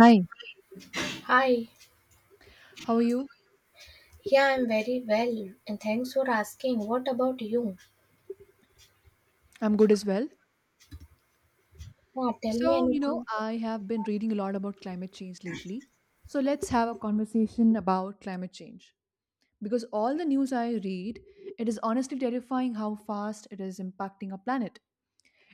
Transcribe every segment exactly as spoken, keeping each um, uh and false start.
Hi, Hi, how are you? yeah, I'm very well, and thanks for asking. What about you? I'm good as well. Yeah, tell me So, you know, anything. I have been reading a lot about climate change lately. So, let's have a conversation about climate change. Because all the news I read, it is honestly terrifying how fast it is impacting our planet.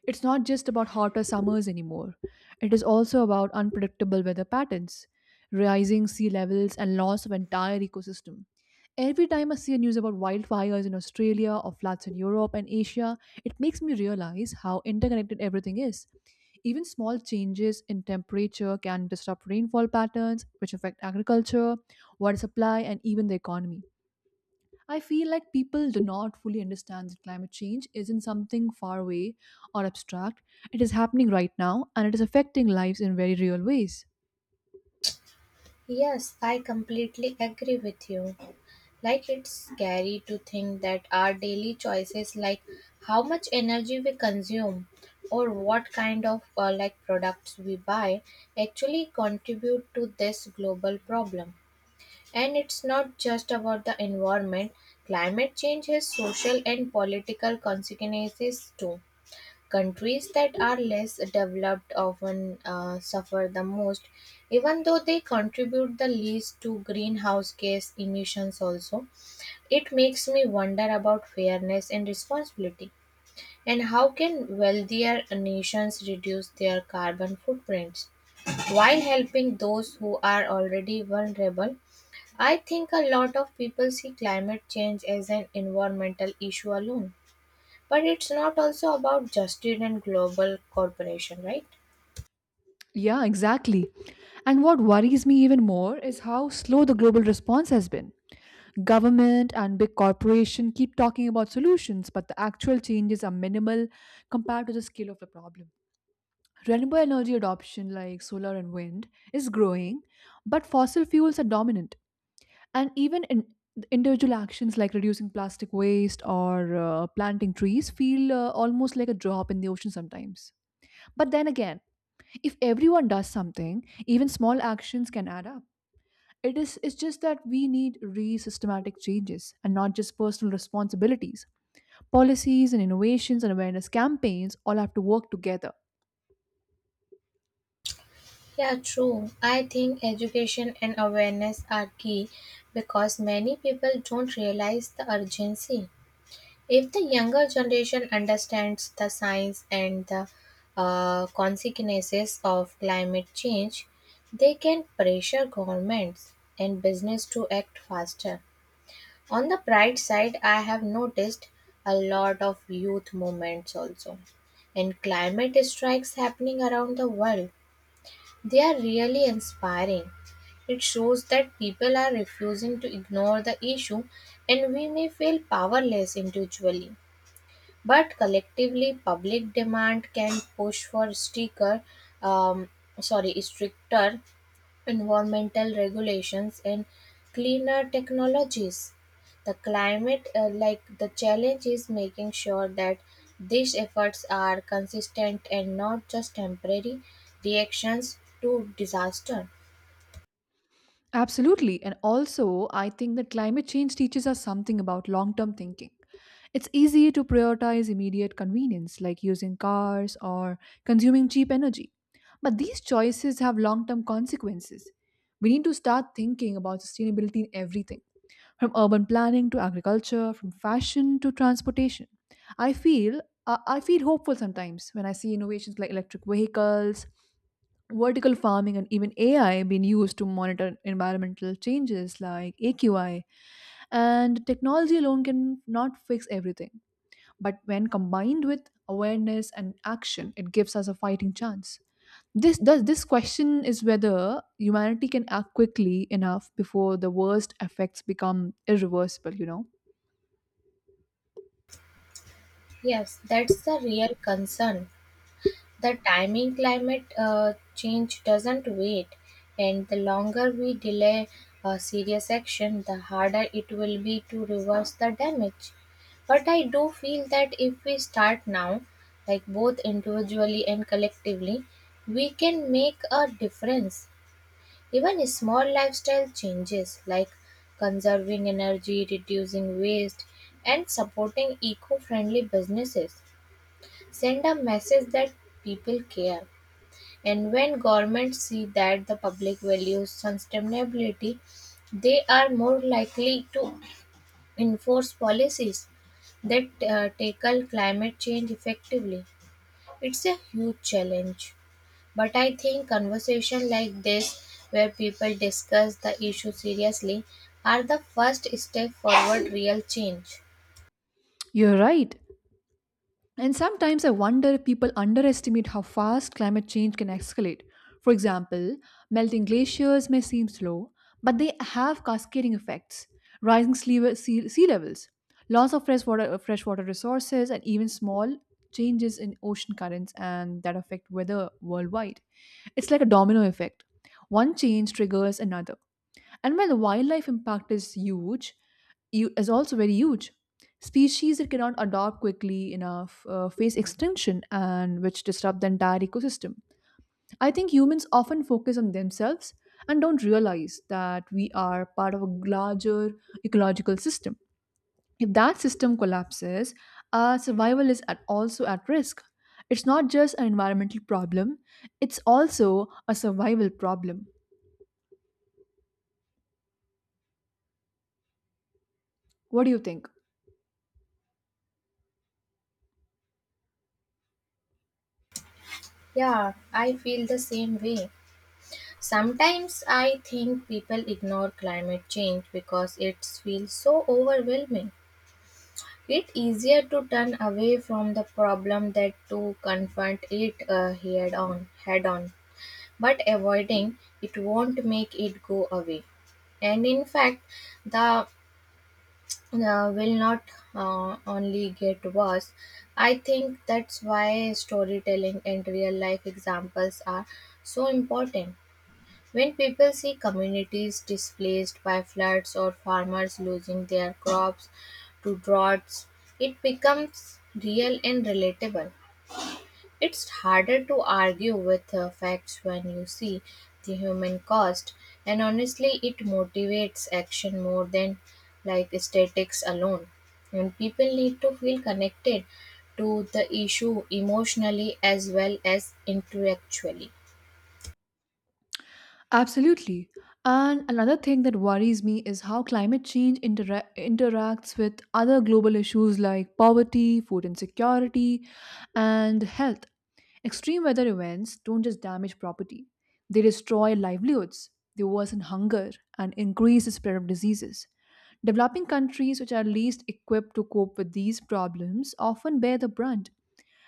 It's not just about hotter summers anymore. It is also about unpredictable weather patterns, rising sea levels, and loss of entire ecosystem. Every time I see news about wildfires in Australia or floods in Europe and Asia, it makes me realize how interconnected everything is. Even small changes in temperature can disrupt rainfall patterns, which affect agriculture, water supply, and even the economy. I feel like people do not fully understand that climate change isn't something far away or abstract. It is happening right now and it is affecting lives in very real ways. Yes, I completely agree with you. Like, it's scary to think that our daily choices, like how much energy we consume or what kind of uh, like products we buy, actually contribute to this global problem. And it's not just about the environment, climate change has social and political consequences too. Countries that are less developed often uh, suffer the most, even though they contribute the least to greenhouse gas emissions also. It makes me wonder about fairness and responsibility, and how can wealthier nations reduce their carbon footprints while helping those who are already vulnerable. I think a lot of people see climate change as an environmental issue alone. But it's not also about justice and global corporation, right? Yeah, exactly. And what worries me even more is how slow the global response has been. Government and big corporation keep talking about solutions, but the actual changes are minimal compared to the scale of the problem. Renewable energy adoption like solar and wind is growing, but fossil fuels are dominant. And even in individual actions like reducing plastic waste or uh, planting trees feel uh, almost like a drop in the ocean sometimes. But then again, if everyone does something, even small actions can add up. It is it's just that we need re systematic changes and not just personal responsibilities. Policies and innovations and awareness campaigns all have to work together. Yeah, true. I think education and awareness are key because many people don't realize the urgency. If the younger generation understands the science and the uh, consequences of climate change, they can pressure governments and business to act faster. On the bright side, I have noticed a lot of youth movements also and climate strikes happening around the world. They are really inspiring. It shows that people are refusing to ignore the issue and we may feel powerless individually. But collectively, public demand can push for stricter, um, sorry, stricter environmental regulations and cleaner technologies. The climate uh, like the challenge is making sure that these efforts are consistent and not just temporary reactions to disaster. Absolutely. And also, I think that climate change teaches us something about long term thinking. It's easier to prioritize immediate convenience, like using cars or consuming cheap energy. But these choices have long term consequences. We need to start thinking about sustainability in everything, from urban planning to agriculture, from fashion to transportation. I feel I I feel hopeful sometimes when I see innovations like electric vehicles, vertical farming, and even A I being used to monitor environmental changes like A Q I. And technology alone can not fix everything. But when combined with awareness and action, it gives us a fighting chance. This does this question is whether humanity can act quickly enough before the worst effects become irreversible, you know? Yes, that's the real concern. The timing climate uh, change doesn't wait, and the longer we delay uh, serious action, the harder it will be to reverse the damage. But I do feel that if we start now, like both individually and collectively, we can make a difference. Even small lifestyle changes like conserving energy, reducing waste, and supporting eco friendly businesses send a message that people care. And when governments see that the public values sustainability, they are more likely to enforce policies that uh, tackle climate change effectively. It's a huge challenge, but I think conversation like this, where people discuss the issue seriously, are the first step forward real change. You're right. And sometimes I wonder if people underestimate how fast climate change can escalate. For example, melting glaciers may seem slow, but they have cascading effects, rising sle- sea sea levels, loss of freshwater, freshwater resources, and even small changes in ocean currents and that affect weather worldwide. It's like a domino effect. One change triggers another. And while the wildlife impact is huge, you is also very huge. Species that cannot adapt quickly enough uh, face extinction and which disrupt the entire ecosystem. I think humans often focus on themselves and don't realize that we are part of a larger ecological system. If that system collapses, our survival is at, also at risk. It's not just an environmental problem, it's also a survival problem. What do you think? Yeah, I feel the same way. Sometimes I think people ignore climate change because it feels so overwhelming. It's easier to turn away from the problem than to confront it uh, head on, head on. But avoiding it won't make it go away. And in fact, the uh, will not uh, only get worse. I think that's why storytelling and real life examples are so important when people see communities displaced by floods or farmers losing their crops to droughts, it becomes real and relatable. It's harder to argue with uh, facts when you see the human cost, and honestly, it motivates action more than like statics alone. And people need to feel connected to the issue emotionally as well as intellectually. Absolutely. And another thing that worries me is how climate change intera- interacts with other global issues like poverty, food insecurity, and health. Extreme weather events don't just damage property, they destroy livelihoods, they worsen hunger, and increase the spread of diseases. Developing countries, which are least equipped to cope with these problems, often bear the brunt.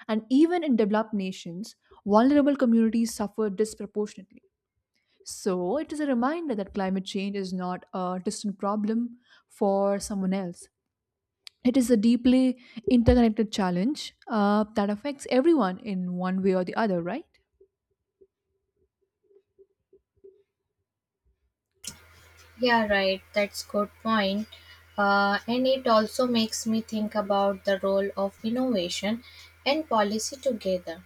And even in developed nations, vulnerable communities suffer disproportionately. So, it is a reminder that climate change is not a distant problem for someone else. It is a deeply interconnected challenge uh, that affects everyone in one way or the other, right? Yeah, right. That's good point. Uh, and it also makes me think about the role of innovation and policy together.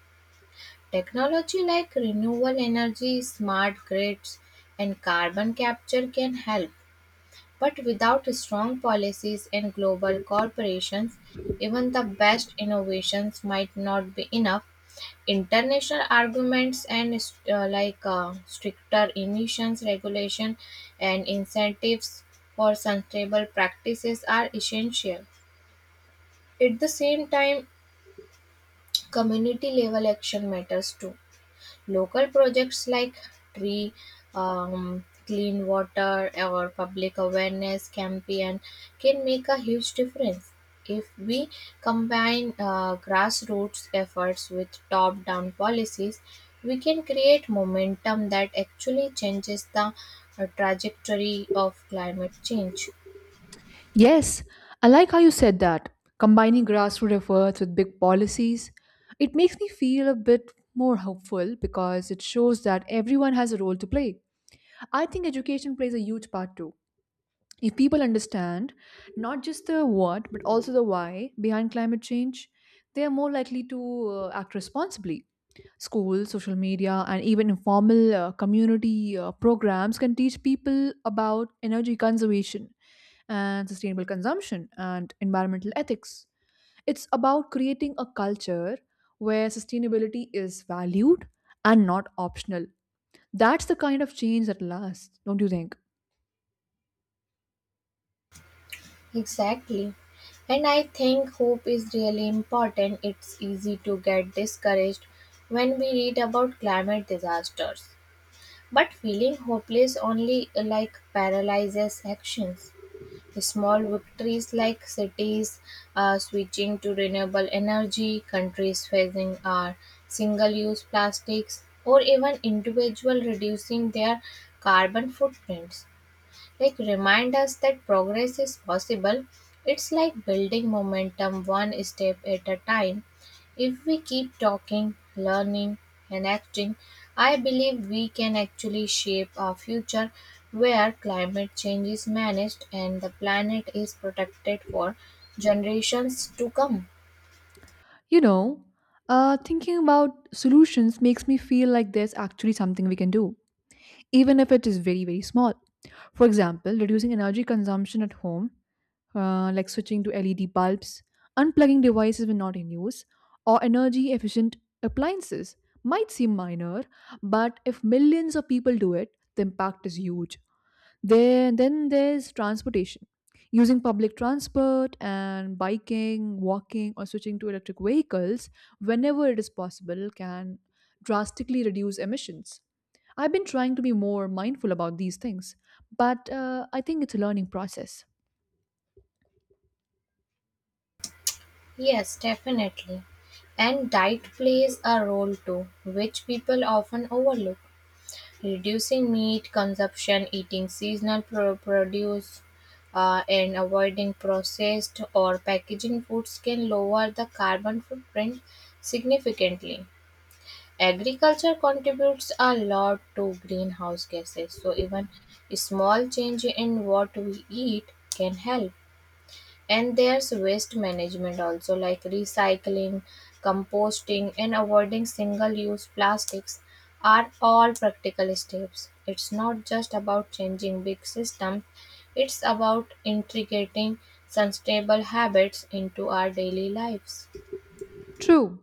Technology like renewable energy, smart grids, and carbon capture can help. But without strong policies and global corporations, even the best innovations might not be enough. International arguments and uh, like uh, stricter emissions regulation and incentives for sustainable practices are essential. At the same time, community level action matters too. Local projects like tree um, clean water or public awareness campaign can make a huge difference. If we combine uh, grassroots efforts with top-down policies, we can create momentum that actually changes the uh, trajectory of climate change. Yes, I like how you said that. Combining grassroots efforts with big policies, it makes me feel a bit more hopeful because it shows that everyone has a role to play. I think education plays a huge part too. If people understand not just the what but also the why behind climate change, they are more likely to uh, act responsibly. Schools, social media, and even informal uh, community uh, programs can teach people about energy conservation and sustainable consumption and environmental ethics. It's about creating a culture where sustainability is valued and not optional. That's the kind of change that lasts, don't you think? Exactly. And I think hope is really important. It's easy to get discouraged when we read about climate disasters. But feeling hopeless only uh, like paralyzes actions. Small victories like cities uh, switching to renewable energy, countries phasing our single use plastics, or even individual reducing their carbon footprints like remind us that progress is possible. It's like building momentum one step at a time. If we keep talking, learning, and acting, I believe we can actually shape a future where climate change is managed and the planet is protected for generations to come. You know, uh, thinking about solutions makes me feel like there's actually something we can do, even if it is very, very small. For example, reducing energy consumption at home, uh, like switching to L E D bulbs, unplugging devices when not in use, or energy efficient appliances might seem minor, but if millions of people do it, the impact is huge. There, then there's transportation. Using public transport and biking, walking, or switching to electric vehicles whenever it is possible can drastically reduce emissions. I've been trying to be more mindful about these things, but uh, I think it's a learning process. Yes, definitely. And diet plays a role too, which people often overlook. Reducing meat consumption, eating seasonal pro- produce, uh, and avoiding processed or packaging foods can lower the carbon footprint significantly. Agriculture contributes a lot to greenhouse gases, so even a small change in what we eat can help. And there's waste management also, like recycling, composting, and avoiding single use plastics, are all practical steps. It's not just about changing big systems, it's about integrating sustainable habits into our daily lives. True.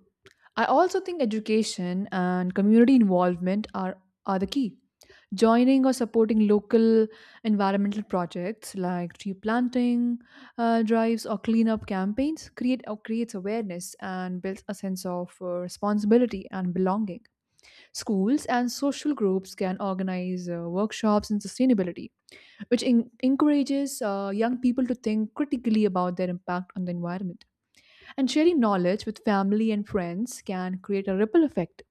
I also think education and community involvement are, are the key. Joining or supporting local environmental projects like tree planting uh, drives or cleanup campaigns create or creates awareness and builds a sense of uh, responsibility and belonging. Schools and social groups can organize uh, workshops in sustainability, which en- encourages uh, young people to think critically about their impact on the environment. And sharing knowledge with family and friends can create a ripple effect.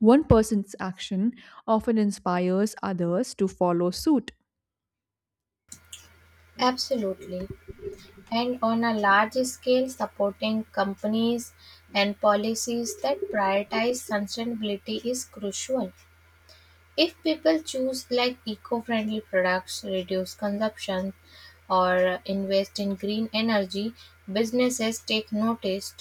One person's action often inspires others to follow suit. Absolutely. And on a large scale, supporting companies and policies that prioritize sustainability is crucial. If people choose like eco-friendly products, reduce consumption, or invest in green energy, businesses take notice.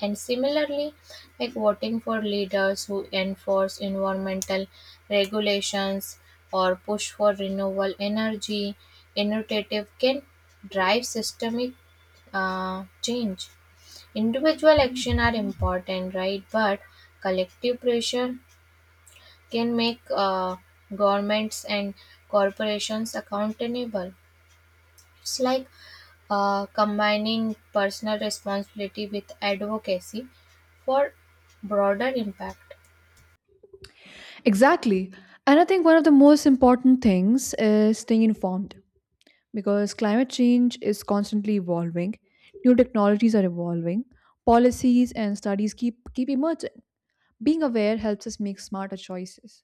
And similarly, like voting for leaders who enforce environmental regulations or push for renewable energy innovative can drive systemic uh, change. Individual action are important, right? But collective pressure can make uh, governments and corporations accountable. It's like uh, combining personal responsibility with advocacy for broader impact. Exactly. And I think one of the most important things is staying informed, because climate change is constantly evolving, new technologies are evolving, policies and studies keep, keep emerging. Being aware helps us make smarter choices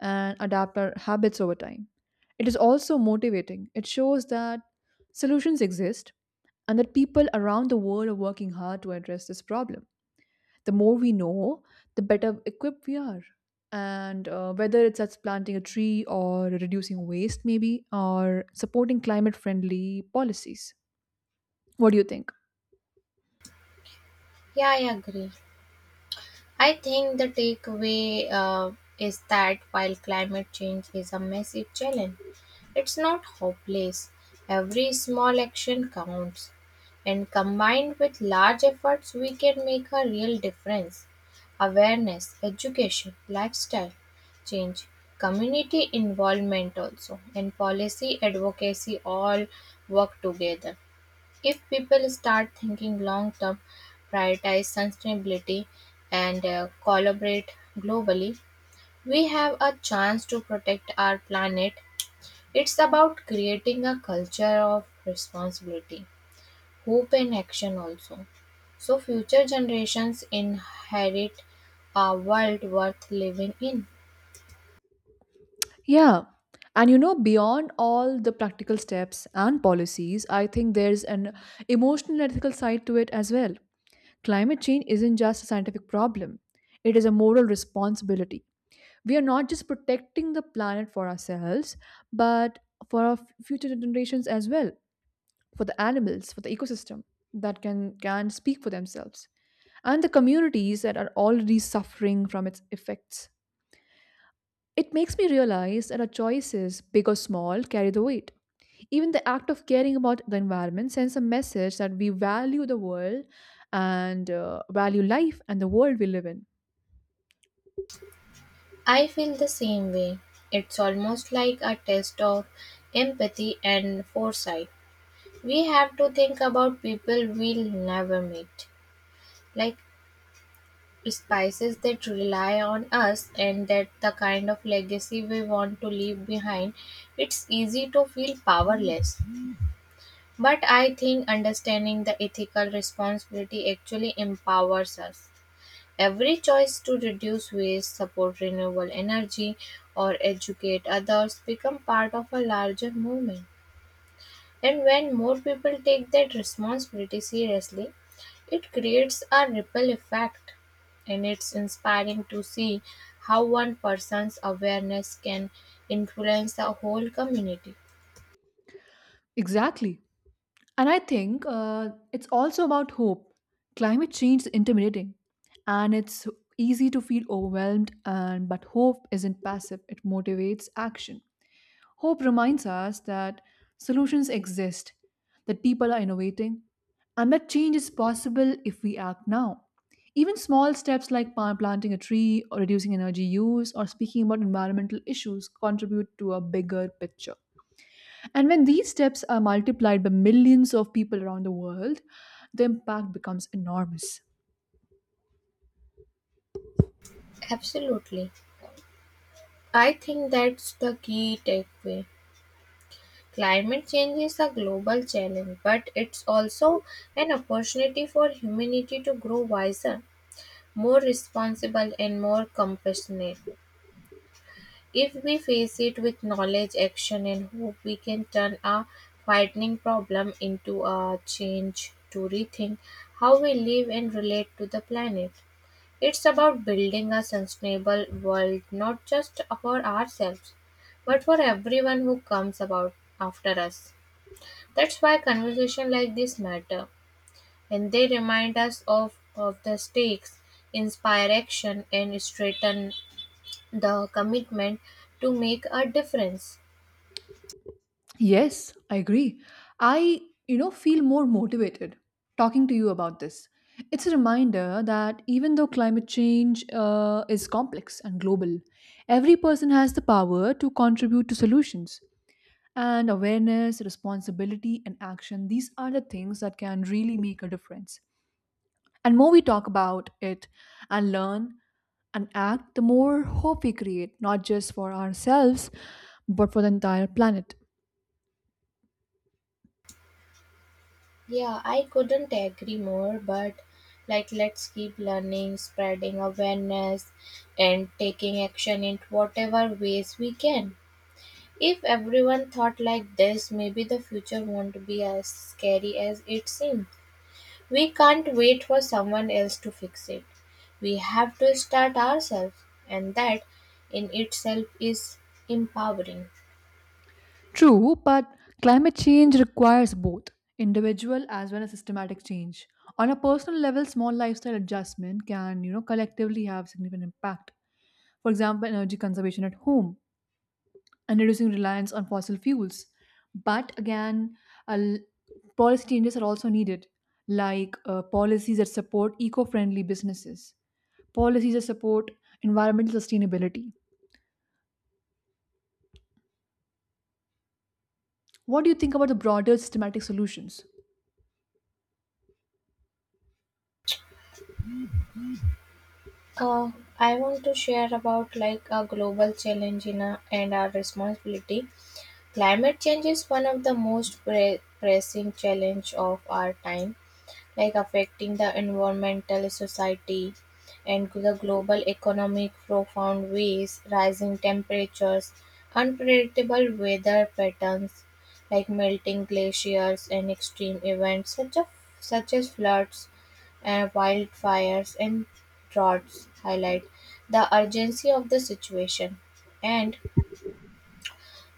and adapt our habits over time. It is also motivating. It shows that solutions exist and that people around the world are working hard to address this problem. The more we know, the better equipped we are. And uh, whether it's us planting a tree or reducing waste, maybe, or supporting climate friendly policies. What do you think? Yeah, I agree. I think the takeaway uh, is that while climate change is a massive challenge, it's not hopeless. Every small action counts, and combined with large efforts, we can make a real difference. Awareness, education, lifestyle change, community involvement, also, and policy advocacy all work together. If people start thinking long term, prioritize sustainability, and uh, collaborate globally, we have a chance to protect our planet. It's about creating a culture of responsibility, hope, and action also. So, future generations inherit a world worth living in. Yeah. And you know, beyond all the practical steps and policies, I think there's an emotional and ethical side to it as well. Climate change isn't just a scientific problem, it is a moral responsibility. We are not just protecting the planet for ourselves, but for our f- future generations as well, for the animals, for the ecosystem that can, can speak for themselves, and the communities that are already suffering from its effects. It makes me realize that our choices, big or small, carry the weight. Even the act of caring about the environment sends a message that we value the world and uh, value life and the world we live in. I feel the same way. It's almost like a test of empathy and foresight. We have to think about people we'll never meet, like spices that rely on us and that the kind of legacy we want to leave behind. It's easy to feel powerless, but I think understanding the ethical responsibility actually empowers us. Every choice to reduce waste, support renewable energy, or educate others become part of a larger movement. And when more people take that responsibility seriously, it creates a ripple effect. And it's inspiring to see how one person's awareness can influence the whole community. Exactly. And I think uh, it's also about hope. Climate change is intimidating and it's easy to feel overwhelmed and but hope isn't passive. It motivates action. Hope reminds us that solutions exist, that people are innovating, and that change is possible if we act now. Even small steps like pa- planting a tree or reducing energy use or speaking about environmental issues contribute to a bigger picture. And when these steps are multiplied by millions of people around the world, the impact becomes enormous. Absolutely. I think that's the key takeaway. Climate change is a global challenge, but it's also an opportunity for humanity to grow wiser, more responsible, and more compassionate. If we face it with knowledge, action, and hope, we can turn a frightening problem into a change to rethink how we live and relate to the planet. It's about building a sustainable world not just for ourselves, but for everyone who comes about after us. That's why conversation like this matter, and they remind us of, of the stakes, inspire action, and straighten the commitment to make a difference. Yes, I agree. I, you know, feel more motivated talking to you about this. It's a reminder that even though climate change uh, is complex and global, every person has the power to contribute to solutions. And awareness, responsibility, and action, these are the things that can really make a difference. And more we talk about it and learn and act, the more hope we create, not just for ourselves, but for the entire planet. Yeah, I couldn't agree more, but like let's keep learning, spreading awareness and taking action in whatever ways we can. If everyone thought like this, maybe the future won't be as scary as it seems. We can't wait for someone else to fix it. We have to start ourselves, and that in itself is empowering. True, but climate change requires both individual as well as systematic change. On a personal level, small lifestyle adjustment can, you know, collectively have significant impact. For example, energy conservation at home, and reducing reliance on fossil fuels. But again, a l- policy changes are also needed, like uh, policies that support eco friendly businesses, policies that support environmental sustainability. What do you think about the broader systematic solutions? Uh, I want to share about like a global challenge in a, and our responsibility. Climate change is one of the most pre- pressing challenge of our time, like affecting the environmental society and the global economic profound ways, rising temperatures, unpredictable weather patterns, like melting glaciers and extreme events such as such as floods and wildfires and droughts highlight the urgency of the situation. And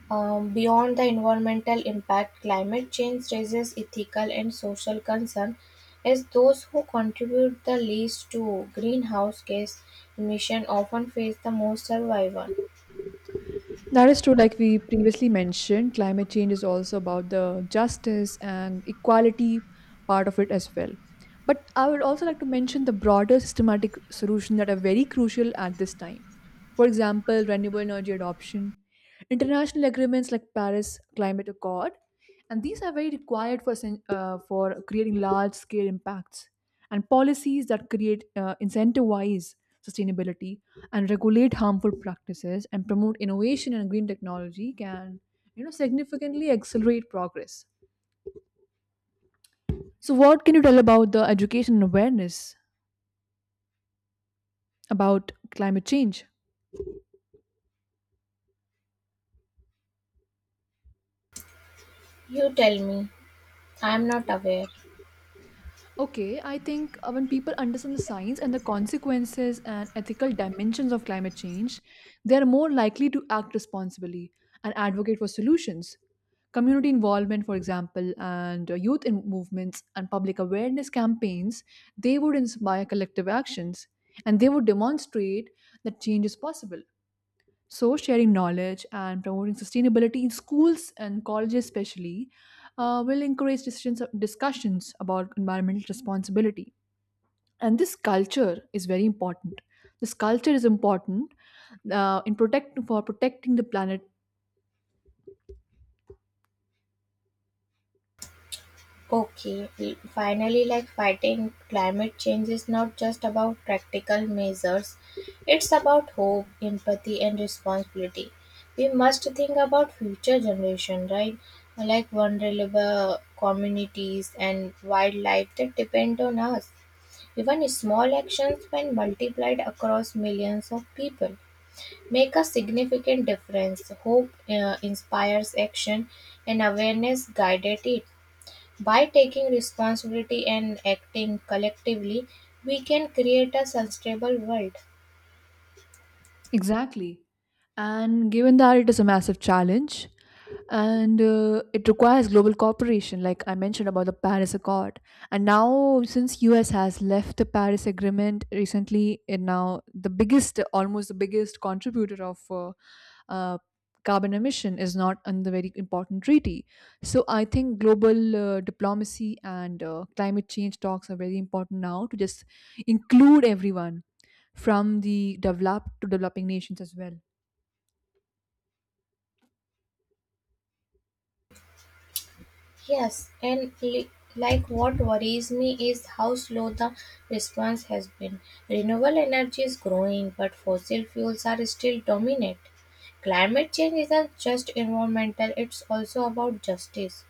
um, beyond the environmental impact, climate change raises ethical and social concern, as those who contribute the least to greenhouse gas emission often face the most survival. That is true. Like we previously mentioned, climate change is also about the justice and equality part of it as well. But I would also like to mention the broader systematic solutions that are very crucial at this time. For example, renewable energy adoption, international agreements like Paris Climate Accord, and these are very required for sen- uh, for creating large scale impacts and policies that create uh, incentivize sustainability and regulate harmful practices and promote innovation and green technology can, you know significantly accelerate progress. So what can you tell about the education and awareness about climate change? You tell me, I am not aware. Okay, I think uh, when people understand the science and the consequences and ethical dimensions of climate change, they are more likely to act responsibly and advocate for solutions. Community involvement, for example, and uh, youth in movements and public awareness campaigns, they would inspire collective actions and they would demonstrate that change is possible. So, sharing knowledge and promoting sustainability in schools and colleges, especially, uh, will encourage decisions, discussions about environmental responsibility. And this culture is very important. This culture is important uh, in protect for protecting the planet. Okay, l- finally, like fighting climate change is not just about practical measures, it's about hope, empathy, and responsibility. We must think about future generation, right? Like vulnerable communities and wildlife that depend on us. Even small actions, when multiplied across millions of people, make a significant difference. Hope uh, inspires action, and awareness guided it. By taking responsibility and acting collectively, we can create a sustainable world. Exactly. And given that it is a massive challenge and uh, it requires global cooperation, like I mentioned about the Paris Accord. And now since U S has left the Paris Agreement recently, and now the biggest almost the biggest contributor of uh, uh, carbon emission is not on the very important treaty. So I think global uh, diplomacy and uh, climate change talks are very important now to just include everyone from the developed to developing nations as well. Yes, and li- like what worries me is how slow the response has been. Renewable energy is growing, but fossil fuels are still dominant. Climate change isn't just environmental, it's also about justice.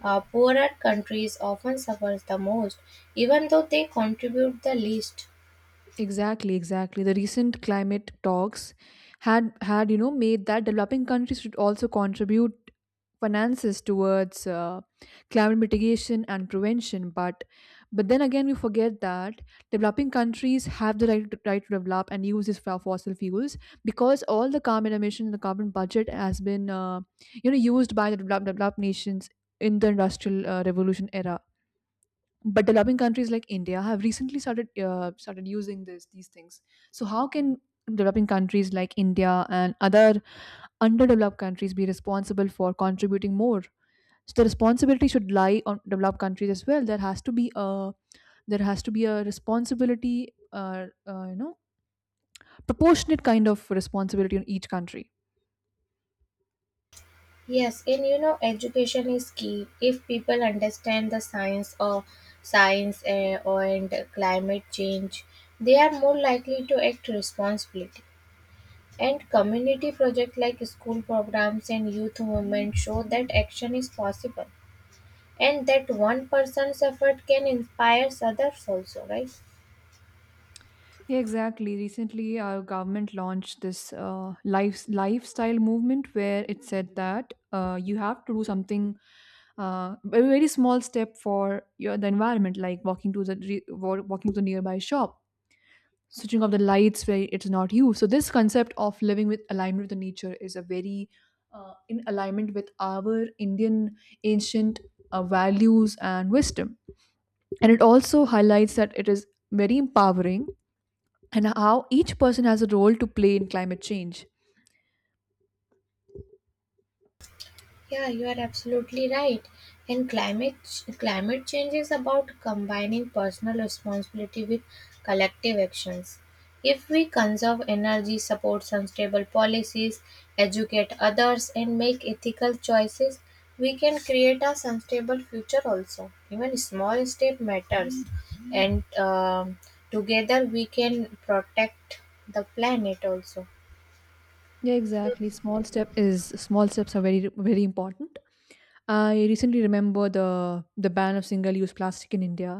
Uh, poorer countries often suffer the most, even though they contribute the least. Exactly, exactly. The recent climate talks had had you know made that developing countries should also contribute finances towards uh, climate mitigation and prevention. But but then again, we forget that developing countries have the right to, right to develop and use these fo- fossil fuels, because all the carbon emission, the carbon budget has been uh, you know used by the developed, developed nations in the industrial uh, revolution era. But developing countries like India have recently started uh, started using this these things. So how can developing countries like India and other underdeveloped countries be responsible for contributing more? So the responsibility should lie on developed countries as well. There has to be a there has to be a responsibility, uh, uh, you know, proportionate kind of responsibility on each country. Yes, and you know, education is key. If people understand the science of science uh, or and climate change, they are more likely to act responsibly. And community projects like school programs and youth movement show that action is possible, and that one person's effort can inspire others also, right? Yeah, exactly. Recently, our government launched this uh, life, lifestyle movement, where it said that uh, you have to do something, uh, a very small step for your, the environment, like walking to the re- wa- walking to the nearby shop, switching off the lights where it's not used. So this concept of living with alignment with the nature is a very uh, in alignment with our Indian ancient uh, values and wisdom, and it also highlights that it is very empowering, and how each person has a role to play in climate change. Yeah, you are absolutely right. And climate ch- climate change is about combining personal responsibility with collective actions. If we conserve energy, support sustainable policies, educate others, and make ethical choices, we can create a sustainable future. Also, even small step matters, and um, together we can protect the planet. Also. Yeah, exactly. Small step is small steps are very, very important. I recently remember the the ban of single use plastic in India,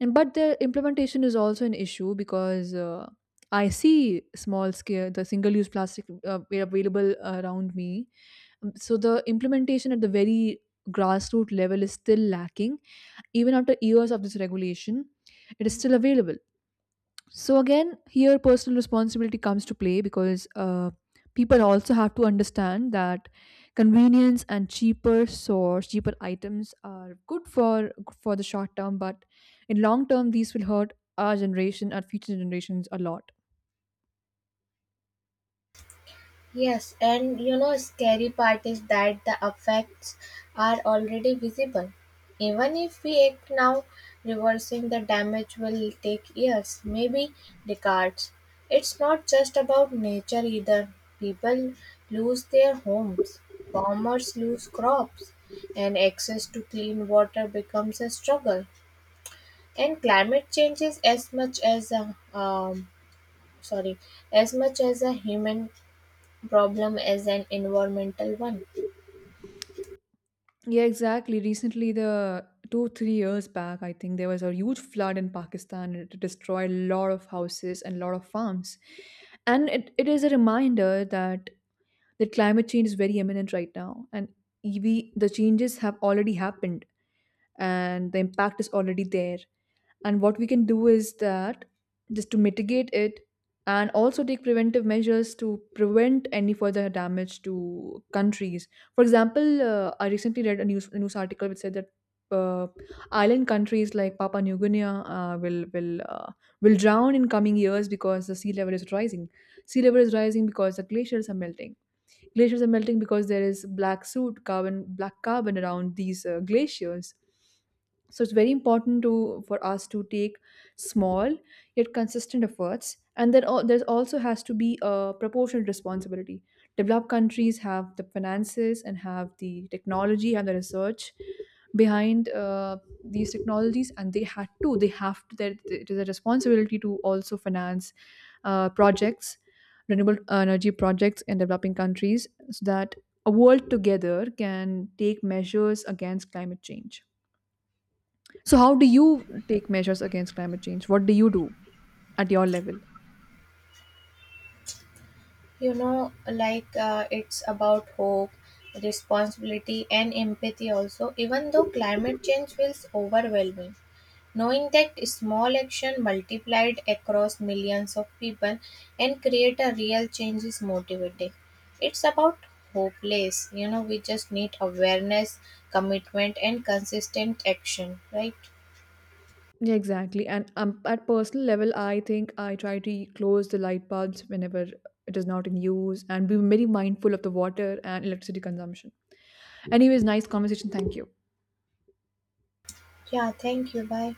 and but the implementation is also an issue, because uh, I see small scale the single use plastic uh, were available around me. Um, So the implementation at the very grassroots level is still lacking, even after years of this regulation, it is still available. So again, here personal responsibility comes to play, because uh, people also have to understand that convenience and cheaper source, cheaper items are good for for the short term, but in long term, these will hurt our generation, our future generations a lot. Yes, and you know, scary part is that the effects are already visible. Even if we act now, reversing the damage will take years, maybe decades. It's not just about nature either. People lose their homes, farmers lose crops, and access to clean water becomes a struggle. And climate change is as much as a um, sorry, as much as a human problem is an environmental one. Yeah, exactly. Recently, the two three years back, I think there was a huge flood in Pakistan, and it destroyed a lot of houses and a lot of farms. And it, it is a reminder that that climate change is very imminent right now, and E V the changes have already happened, and the impact is already there, and what we can do is that just to mitigate it and also take preventive measures to prevent any further damage to countries. For example, uh, I recently read a news, a news article which said that uh, island countries like Papua New Guinea uh, will will uh, will drown in coming years, because the sea level is rising. Sea level is rising because the glaciers are melting. Glaciers are melting because there is black soot, carbon, black carbon around these uh, glaciers. So it's very important to for us to take small yet consistent efforts. And then al- there's also has to be a proportionate responsibility. Developed countries have the finances and have the technology and the research behind uh, these technologies, and they had to. they have to. That It is a responsibility to also finance uh, projects renewable energy projects in developing countries, so that a world together can take measures against climate change. So, how do you take measures against climate change? What do you do at your level? You know, like uh, it's about hope, responsibility, and empathy also, even though climate change feels overwhelming. Knowing that small action multiplied across millions of people and create a real change is motivating. It's about hopeless, you know, we just need awareness, commitment, and consistent action, right? Yeah, exactly. And um, at personal level, I think I try to close the light bulbs whenever it is not in use, and be very mindful of the water and electricity consumption. Anyways, nice conversation. Thank you. Yeah, thank you. Bye.